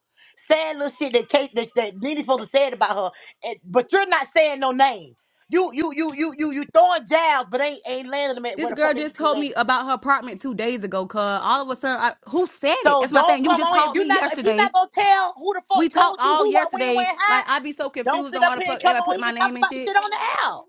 C: saying little shit that Kate that, that Nene's supposed to say it about her. And, but you're not saying no name. You you you you you you throwing jabs, but ain't ain't landing them at where
A: This
C: the
A: girl
C: fuck they need
A: just
C: to be
A: told me
C: landing at.
A: about her apartment two days ago, cuz all of a sudden, I, who said it?
C: So
A: That's my
C: don't
A: thing. You
C: come
A: just
C: on here if
A: called
C: you
A: me
C: not if you
A: yesterday.
C: not gonna tell who the
A: We
C: fuck
A: talked
C: told you
A: all
C: who what when where
A: yesterday.
C: how.
A: Like, I be so
C: Don't
A: confused
C: sit
A: on
C: up
A: why the
C: here
A: fuck
C: and come
A: everybody
C: on
A: put
C: here
A: my
C: and talk
A: name and
C: about the shit
A: shit.
C: on the air.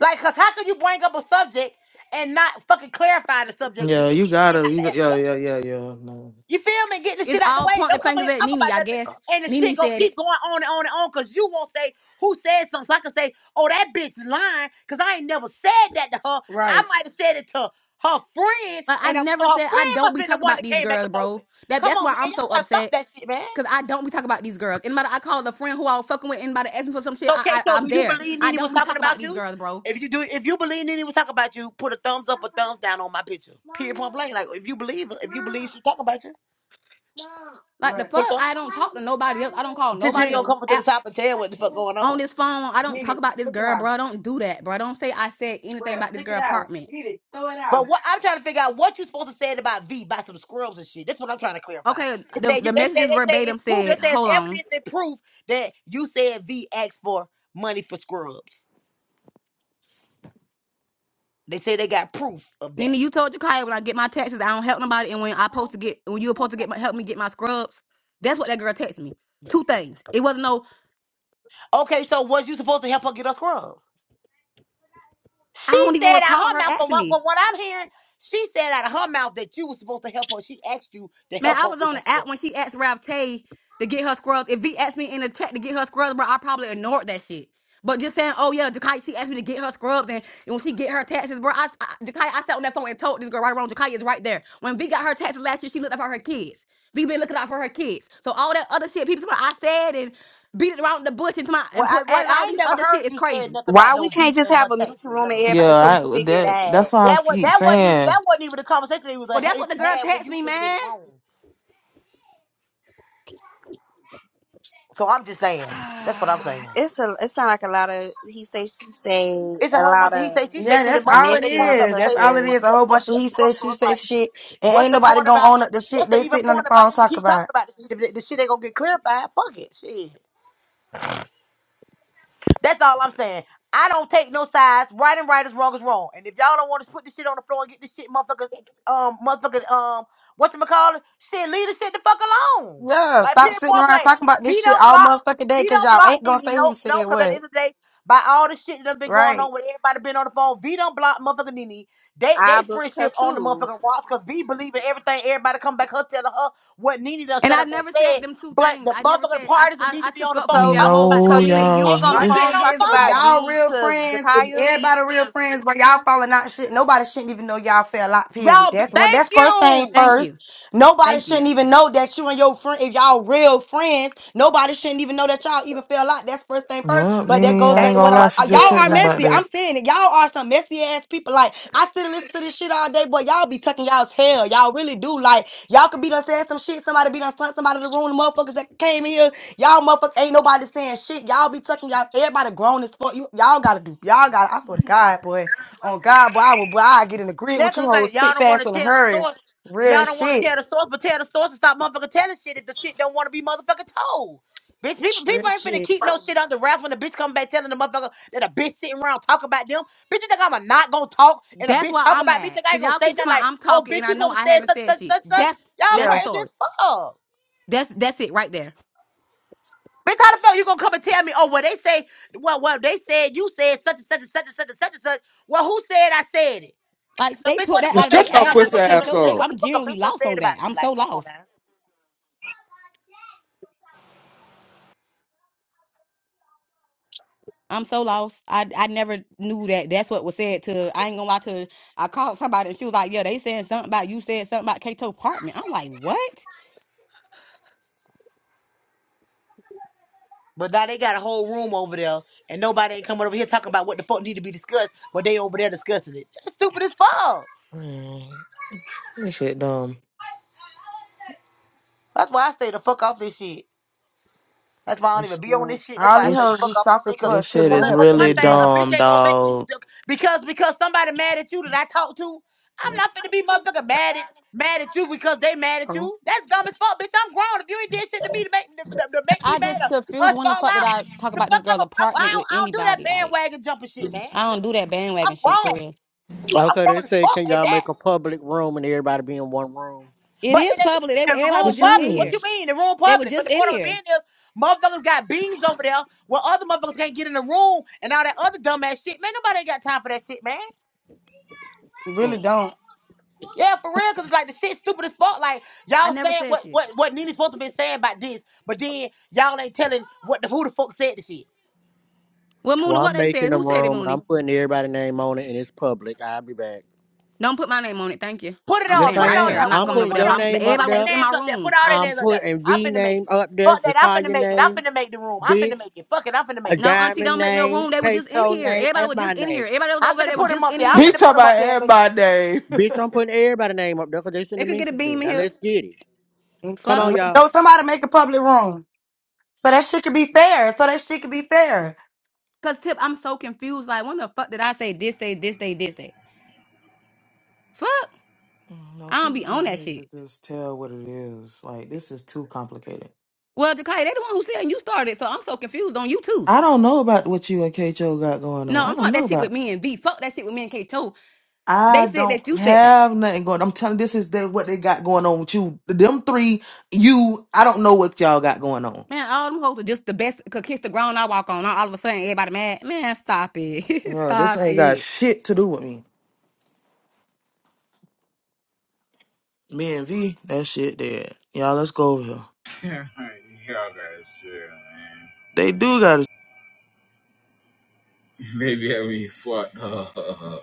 C: Like, cause how could you bring up a subject and not fucking clarify the subject
D: yeah,
C: and
D: you
C: get the shit
D: gotta,
C: out the
D: you,
C: app?
D: yeah, yeah,
C: Yeah.
D: yeah, yeah, yeah, no.
C: You feel me? Get the shit
A: It's
C: out the
A: all
C: way.
A: pointing
C: Don't come in
A: fingers
C: here and
A: at
C: talk
A: Nene,
C: about
A: I
C: nothing.
A: guess.
C: And the shit
A: Nene
C: gonna
A: said it.
C: keep going on and on and on. Cause you won't say who said something. So I can say, oh, that bitch lying. Cause I ain't never said that to her. I might have said it to her friend,
A: Like I
C: and her, so
A: never
C: her
A: said I
C: friend must
A: don't
C: have
A: be
C: been the
A: talking
C: one
A: about
C: that
A: these
C: came back
A: girls,
C: and told me.
A: bro. That
C: Come
A: that's
C: on,
A: why
C: man.
A: I'm
C: Y'all
A: so
C: gotta stop
A: upset.
C: that shit, man.
A: Cause I don't be talking about these girls. Anybody I call a friend who I was fucking with, anybody asking for some shit,
C: Okay,
A: I,
C: So,
A: I
C: Kato,
A: I'm
C: do you
A: there.
C: believe
A: I
C: Nene was
A: don't be
C: talking
A: talking about
C: about
A: these
C: you?
A: girls, bro.
C: If you do, if you believe Nene was talking about you, put a thumbs up or thumbs down on my picture. Period, point blank. Like, if you believe, if you believe she talking about you,
A: Like the fuck,
C: Kato,
A: I don't talk to nobody else. I don't call
C: since you
A: nobody
C: ain't
A: else
C: gonna come up to the
A: at,
C: top and tell what the fuck going
A: on
C: on.
A: this phone. I don't talk about this girl, bro. I don't do that, bro. I don't say I said anything about this girl apartment.
C: But what I'm trying to figure out what you supposed to say about V by some scrubs and shit. That's what I'm trying to clarify.
A: Okay,
C: They
A: the
C: say you,
A: the
C: they say
A: messages
C: they say
A: verbatim
C: it's proof. They
A: said,
C: say it's
A: hold on.
C: evidence and proof that you said V asked for money for scrubs. They say they got proof of that.
A: Nina, you told Jakaya when I get my taxes, I don't help nobody, and when I supposed to get, when you were supposed to get my, help me get my scrubs, that's what that girl texted me. Two things. It wasn't no.
C: Okay, so was you supposed to help her get her scrubs?
A: I
C: She
A: don't even
C: said out
A: recall
C: her
A: her
C: mouth, from
A: asking
C: what,
A: me.
C: from what I'm hearing, she said out of her mouth that you were supposed to help her. She asked you to
A: Man,
C: help
A: I
C: her
A: was
C: with
A: on
C: her
A: the app
C: scrub.
A: when she asked Ralph Tay to get her scrubs. If V asked me in the chat to get her scrubs, bro, I probably ignored that shit. But just saying, oh yeah, Jakai, she asked me to get her scrubs, and, and when she get her taxes, bro, I, I Jakai, I sat on that phone and told this girl right around. Jakai is right there. When V got her taxes last year, she looked out for her kids. V been looking out for her kids. So all that other shit, people, I said and beat it around the bush and, my,
C: Well,
A: and put
C: I what
A: added all
C: I ain't
A: these
C: never
A: other
C: heard
A: shit is
C: you say
A: crazy.
C: nothing about
E: Why
C: no
E: we can't
C: V
E: just
C: and her
E: have a
C: taxes
E: mutual
C: and
E: room and
C: nothing.
D: yeah.
E: everybody so we
D: I
E: can figure it
D: that
E: out?
D: that's why I
C: That was
D: keep
C: that wasn't even
D: saying
C: that wasn't even the conversation that was a,
A: Well, that's
C: even
A: what the girl
C: had when
A: texted
C: you was
A: me,
C: even in the
A: man.
C: room. So I'm just saying, that's what I'm saying.
E: It's a. It sound like a lot of he say she say
C: It's a
E: a
C: whole bunch
E: lot
C: of he
E: of.
C: say she say
H: Yeah,
C: shit and
H: that's all
C: motherfuckers
H: it
C: they
E: Messy
C: coming up
H: is.
C: to say
H: That's
C: what
H: all
C: the
H: it
E: motherfuckers.
C: fuck
H: is. A
C: what
H: whole
C: what
H: bunch of
C: what
H: he
C: the fuck
H: says, she
C: so it's like.
H: says shit, and
C: What's
H: ain't
C: the
H: nobody
C: point
H: gonna
C: about?
H: own up the
C: What's
H: shit
C: the
H: they
C: even
H: sitting on the
C: point about
H: phone
C: even
H: talk
C: keep talking
H: about.
C: about this shit? If the the shit ain't gonna get clarified, fuck it, shit. That's all I'm saying. I don't take no sides. Right and right is wrong is wrong. And if y'all don't want to put this shit on the floor and get this shit motherfuckers um motherfucking um whatchamacallit, shit, leave this shit the fuck alone.
H: Yeah,
C: Like
H: stop sitting
C: pinpoint
H: around
C: blank.
H: talking about
C: He
H: this shit
C: don't
H: all
C: block.
H: motherfucking day,
C: He
H: cause
C: don't
H: y'all
C: block
H: ain't gonna
C: Nene.
H: say who
C: No, no,
H: said
C: because at the
H: what,
C: end of the day, by all the shit that done been going
H: right?
C: on with everybody been on the phone, V don't block motherfucking Nene. They they
E: I book her
C: friendship on the
E: too.
C: motherfucking rocks because V believe in everything. Everybody come back her telling her what Nene done
A: And
C: set
A: I
C: up and
A: never said
C: said.
A: them two
C: But
A: things.
C: the
A: I never
C: motherfucking
A: said I,
C: parties that
A: I,
C: need to
A: I
C: be
A: took
C: on the
A: up for
C: phone
A: V
E: So,
A: that
C: talking
A: whole
C: about the
E: so
D: no,
C: shit
E: Nene, you
A: conversation.
C: ain't
E: was
D: y'all.
E: on the
H: My
C: even
E: phone
C: getting
H: thing
C: on
D: If
C: the
H: is,
E: talking
H: if
E: about
C: phone.
H: y'all
E: V
H: real
E: to
H: friends, if
E: Jakaya.
H: everybody real friends, but y'all falling out, shit, nobody shouldn't even know y'all fell out. Period.
C: Y'all, be,
H: That's one.
C: thank
H: That's first thing
C: you.
A: Thank
H: first.
A: you.
H: Nobody
A: Thank you.
H: shouldn't even know that you and your friend, if y'all real friends, nobody shouldn't even know that y'all even fell out. That's first thing first.
D: yeah,
H: But that
D: Nene,
H: goes
D: I
H: back
D: ain't
C: Thank
H: to what
D: gonna
C: you.
H: I'm.
D: lie,
C: I
H: s-
D: she
H: uh,
C: just
H: Y'all
D: just
C: said
D: texted
H: are
D: me
C: the same
D: about
H: messy. I'm
D: that.
H: saying it. Y'all are some messy ass people. Like I sit and listen to this shit all day, but y'all be tucking y'all tail. Y'all really do. Like y'all could be done saying some shit. Somebody be done sent somebody to the room. The motherfuckers that came in here Y'all motherfucker ain't nobody saying shit. Y'all be tucking y'all. Everybody grown as fuck. You y'all gotta do. Y'all gotta. I swear to God, boy. On God, boy, I will. Boy, I get in the grid
C: Yeah,
H: with
C: cause
H: you
C: it's
H: hoes,
C: like y'all
H: quick,
C: don't want
H: fast,
C: to
H: in a
C: tell the
H: hurry.
C: source. So
H: Real
C: y'all don't want to
H: shit.
C: tell the source, but tell the source and stop motherfucking telling shit if the shit don't want to be motherfucking told. Bitch, people, people
H: Real
C: ain't finna
H: shit.
C: keep no shit under wraps when the bitch come back telling the motherfucker that a bitch sitting around talking about them. Bitch, you think I'm a not gonna talk and a
A: That's
C: bitch
A: why
C: talk
A: I'm
C: about me?
A: mad.
C: Think I ain't
A: Cause
C: gonna
A: y'all
C: say
A: keep
C: nothing
A: telling me
C: like,
A: I'm
C: oh,
A: talking
C: bitch,
A: and I
C: you
A: know
C: supposed to
A: I
C: say
A: haven't
C: such,
A: said
C: such,
A: shit.
C: such, such?
A: That's
C: Y'all
A: that's the
H: Yeah.
C: crazy as
A: story.
C: fuck.
A: That's that's it right there.
C: Bitch, how the fuck you gonna come and tell me, oh, well, they say, well, well, they said you said such and such and such and such and such and such. Well, who said I said it?
A: Like
C: The
A: they
C: bitch,
A: put
C: what the
A: that out
C: fuck
A: of
C: makes
A: their
C: you
L: Shut your
C: think I'm
A: ass
C: not
A: with
L: pussy
A: the
C: gonna sit up and
L: ass
A: Kato
C: say
L: up.
A: shit.
C: what the
A: I'm
C: fuck a
A: generally
C: bitch done
A: lost
C: said
A: on that.
C: about me?
A: I'm so
C: Like, come on
A: lost.
C: now.
A: I'm so lost. I I never knew that. That's what was said to. I ain't gonna lie to. I called somebody and she was like, "Yeah, they saying something about you said something about Kato apartment." I'm like, "What?"
C: But now they got a whole room over there, and nobody ain't coming over here talking about what the fuck need to be discussed, but they over there discussing it. That's stupid as fuck.
D: Man, this shit dumb.
C: That's why I stay the fuck off this shit. That's why I don't
D: This
C: even be on this
H: Yes.
C: shit. That's
H: All
C: why I
H: these
C: stay the
H: hoes be
C: fuck
D: this
C: off this
H: soft
C: shit.
H: as
C: Cause,
H: fuck,
D: this shit
H: sitting
C: 'cause
H: on
D: is
C: like,
H: here
C: for one
D: really
H: pleading.
C: thing,
H: Mother,
C: a bitch
D: dumb,
C: ain't gonna make me
D: dog.
C: because because somebody mad at you that I talk to. I'm not finna be motherfucker mad at mad at you because they mad at
H: Oh,
C: you. That's dumb as fuck, bitch. I'm grown. If you ain't did shit to me to make to, to- to make me
A: I
C: mad
A: just
C: or
A: confused.
C: us
A: When the
C: fall
A: fuck did
C: out,
A: I talk
C: the
A: about this
C: fuck I'm
A: girl
C: a, I, I,
A: apartment with
C: don't, I don't do that
A: anybody? Like,
C: bandwagon jumping shit, man.
A: I don't do that
C: I'm
A: bandwagon shit for
C: grown.
A: real.
C: I'm
G: Okay, they
C: grown as
G: said,
C: fuck
G: can
C: at
G: y'all
C: that.
G: make a public room and everybody be in one room?
A: It
C: But
A: is
C: it
A: public. They,
C: ain't the
A: everybody
C: room
A: was
D: This
A: just in
C: public. What you
A: here.
D: is.
C: mean? The room
A: They were
C: public. But
A: just
C: the
A: in
C: point of it being
A: here.
C: is motherfuckers got beans over there where other motherfuckers can't get in the room and all that other dumbass shit. Man, nobody ain't got time for that shit, man.
H: really
G: Mm.
H: don't.
C: Yeah, for real, cause it's like the shit stupid as fuck. Like
A: I
C: y'all
A: never
C: saying
A: said
C: what
A: shit.
C: what what Nene's supposed to be saying about this, but then y'all ain't telling what the who the fuck said the shit.
A: Well,
G: Well,
A: Mooney, what
G: I'm
A: they said?
G: making a
A: Who said it,
G: room and I'm
A: Mooney?
G: putting everybody's name on it and it's public. I'll be back.
A: Don't put my name on it. Thank you.
C: Put it
A: I'm
G: Yes,
C: on,
A: staying
C: put
G: I
C: it
A: right
C: on
A: here.
C: there,
G: am.
A: I'm not
G: I'm
A: going
C: Mooney.
G: putting
A: over
C: Put
A: there.
C: it
G: your
C: on,
A: My,
G: name up
C: put
A: everybody was just
G: there.
C: their
A: in
C: names
A: my
C: up there,
A: room.
C: put all their
G: I'm
C: names up there.
G: putting
C: I'm
G: V
C: finna make it.
G: name up there,
C: Fuck that, I'm finna
G: Jakaya
C: make it. I'm
G: name,
C: finna make the room. I'm finna
G: bitch,
C: make it. Fuck it, I'm finna
G: a
C: make it.
A: No, Auntie,
G: diamond
A: don't make no
G: name,
A: room. They were just in
G: Kato
A: here.
G: name,
A: Everybody
G: and
A: was
G: my
A: just in here.
G: name.
A: Everybody that was
C: I'm
A: over there.
C: finna
A: They were
C: put him
A: just
C: up
A: in
C: there. I'm
D: He
A: here.
C: finna
D: talking
C: put him
D: about
C: up there.
D: everybody name.
G: Bitch, I'm putting everybody's name up there because they sent
A: They
G: a
A: could get a
G: message to me.
A: beam in
G: Now
A: here.
G: let's get it.
H: Mm,
G: Come on,
H: mm.
A: Fuck.
G: y'all.
H: Don't somebody make a public room so that shit could be fair. So that shit could be fair.
A: Cause Tip, I'm so confused. Like, when the fuck did I say this day, this day, this day? Fuck.
D: No,
A: I don't
D: people
A: be on
D: just
A: that
D: need
A: shit.
D: to just tell what it is. Like this is too complicated.
A: Well, Jakai, they the one who said you started, so I'm so confused on you too.
D: I don't know about what you and Kho got going on.
A: No,
D: I
A: I'm
D: don't
A: talking
D: know
A: that shit with
D: about.
A: me and V. Fuck that shit with me and K. Two. They
D: I
A: said
D: don't
A: that you said that.
D: have nothing going. I'm telling this is the, what they got going on with you. Them three, you. I don't know what y'all got going on.
A: Man, all them hoes are just the best. Could kiss the ground I walk on. All of a sudden, everybody mad. Man, stop it.
D: Bro, this
A: stop
D: ain't got
A: it.
D: shit to do with me. Me and V, that shit dead. Y'all, let's go over here.
M: Y'all got shit, man.
D: They do got
M: Maybe I be fucked up.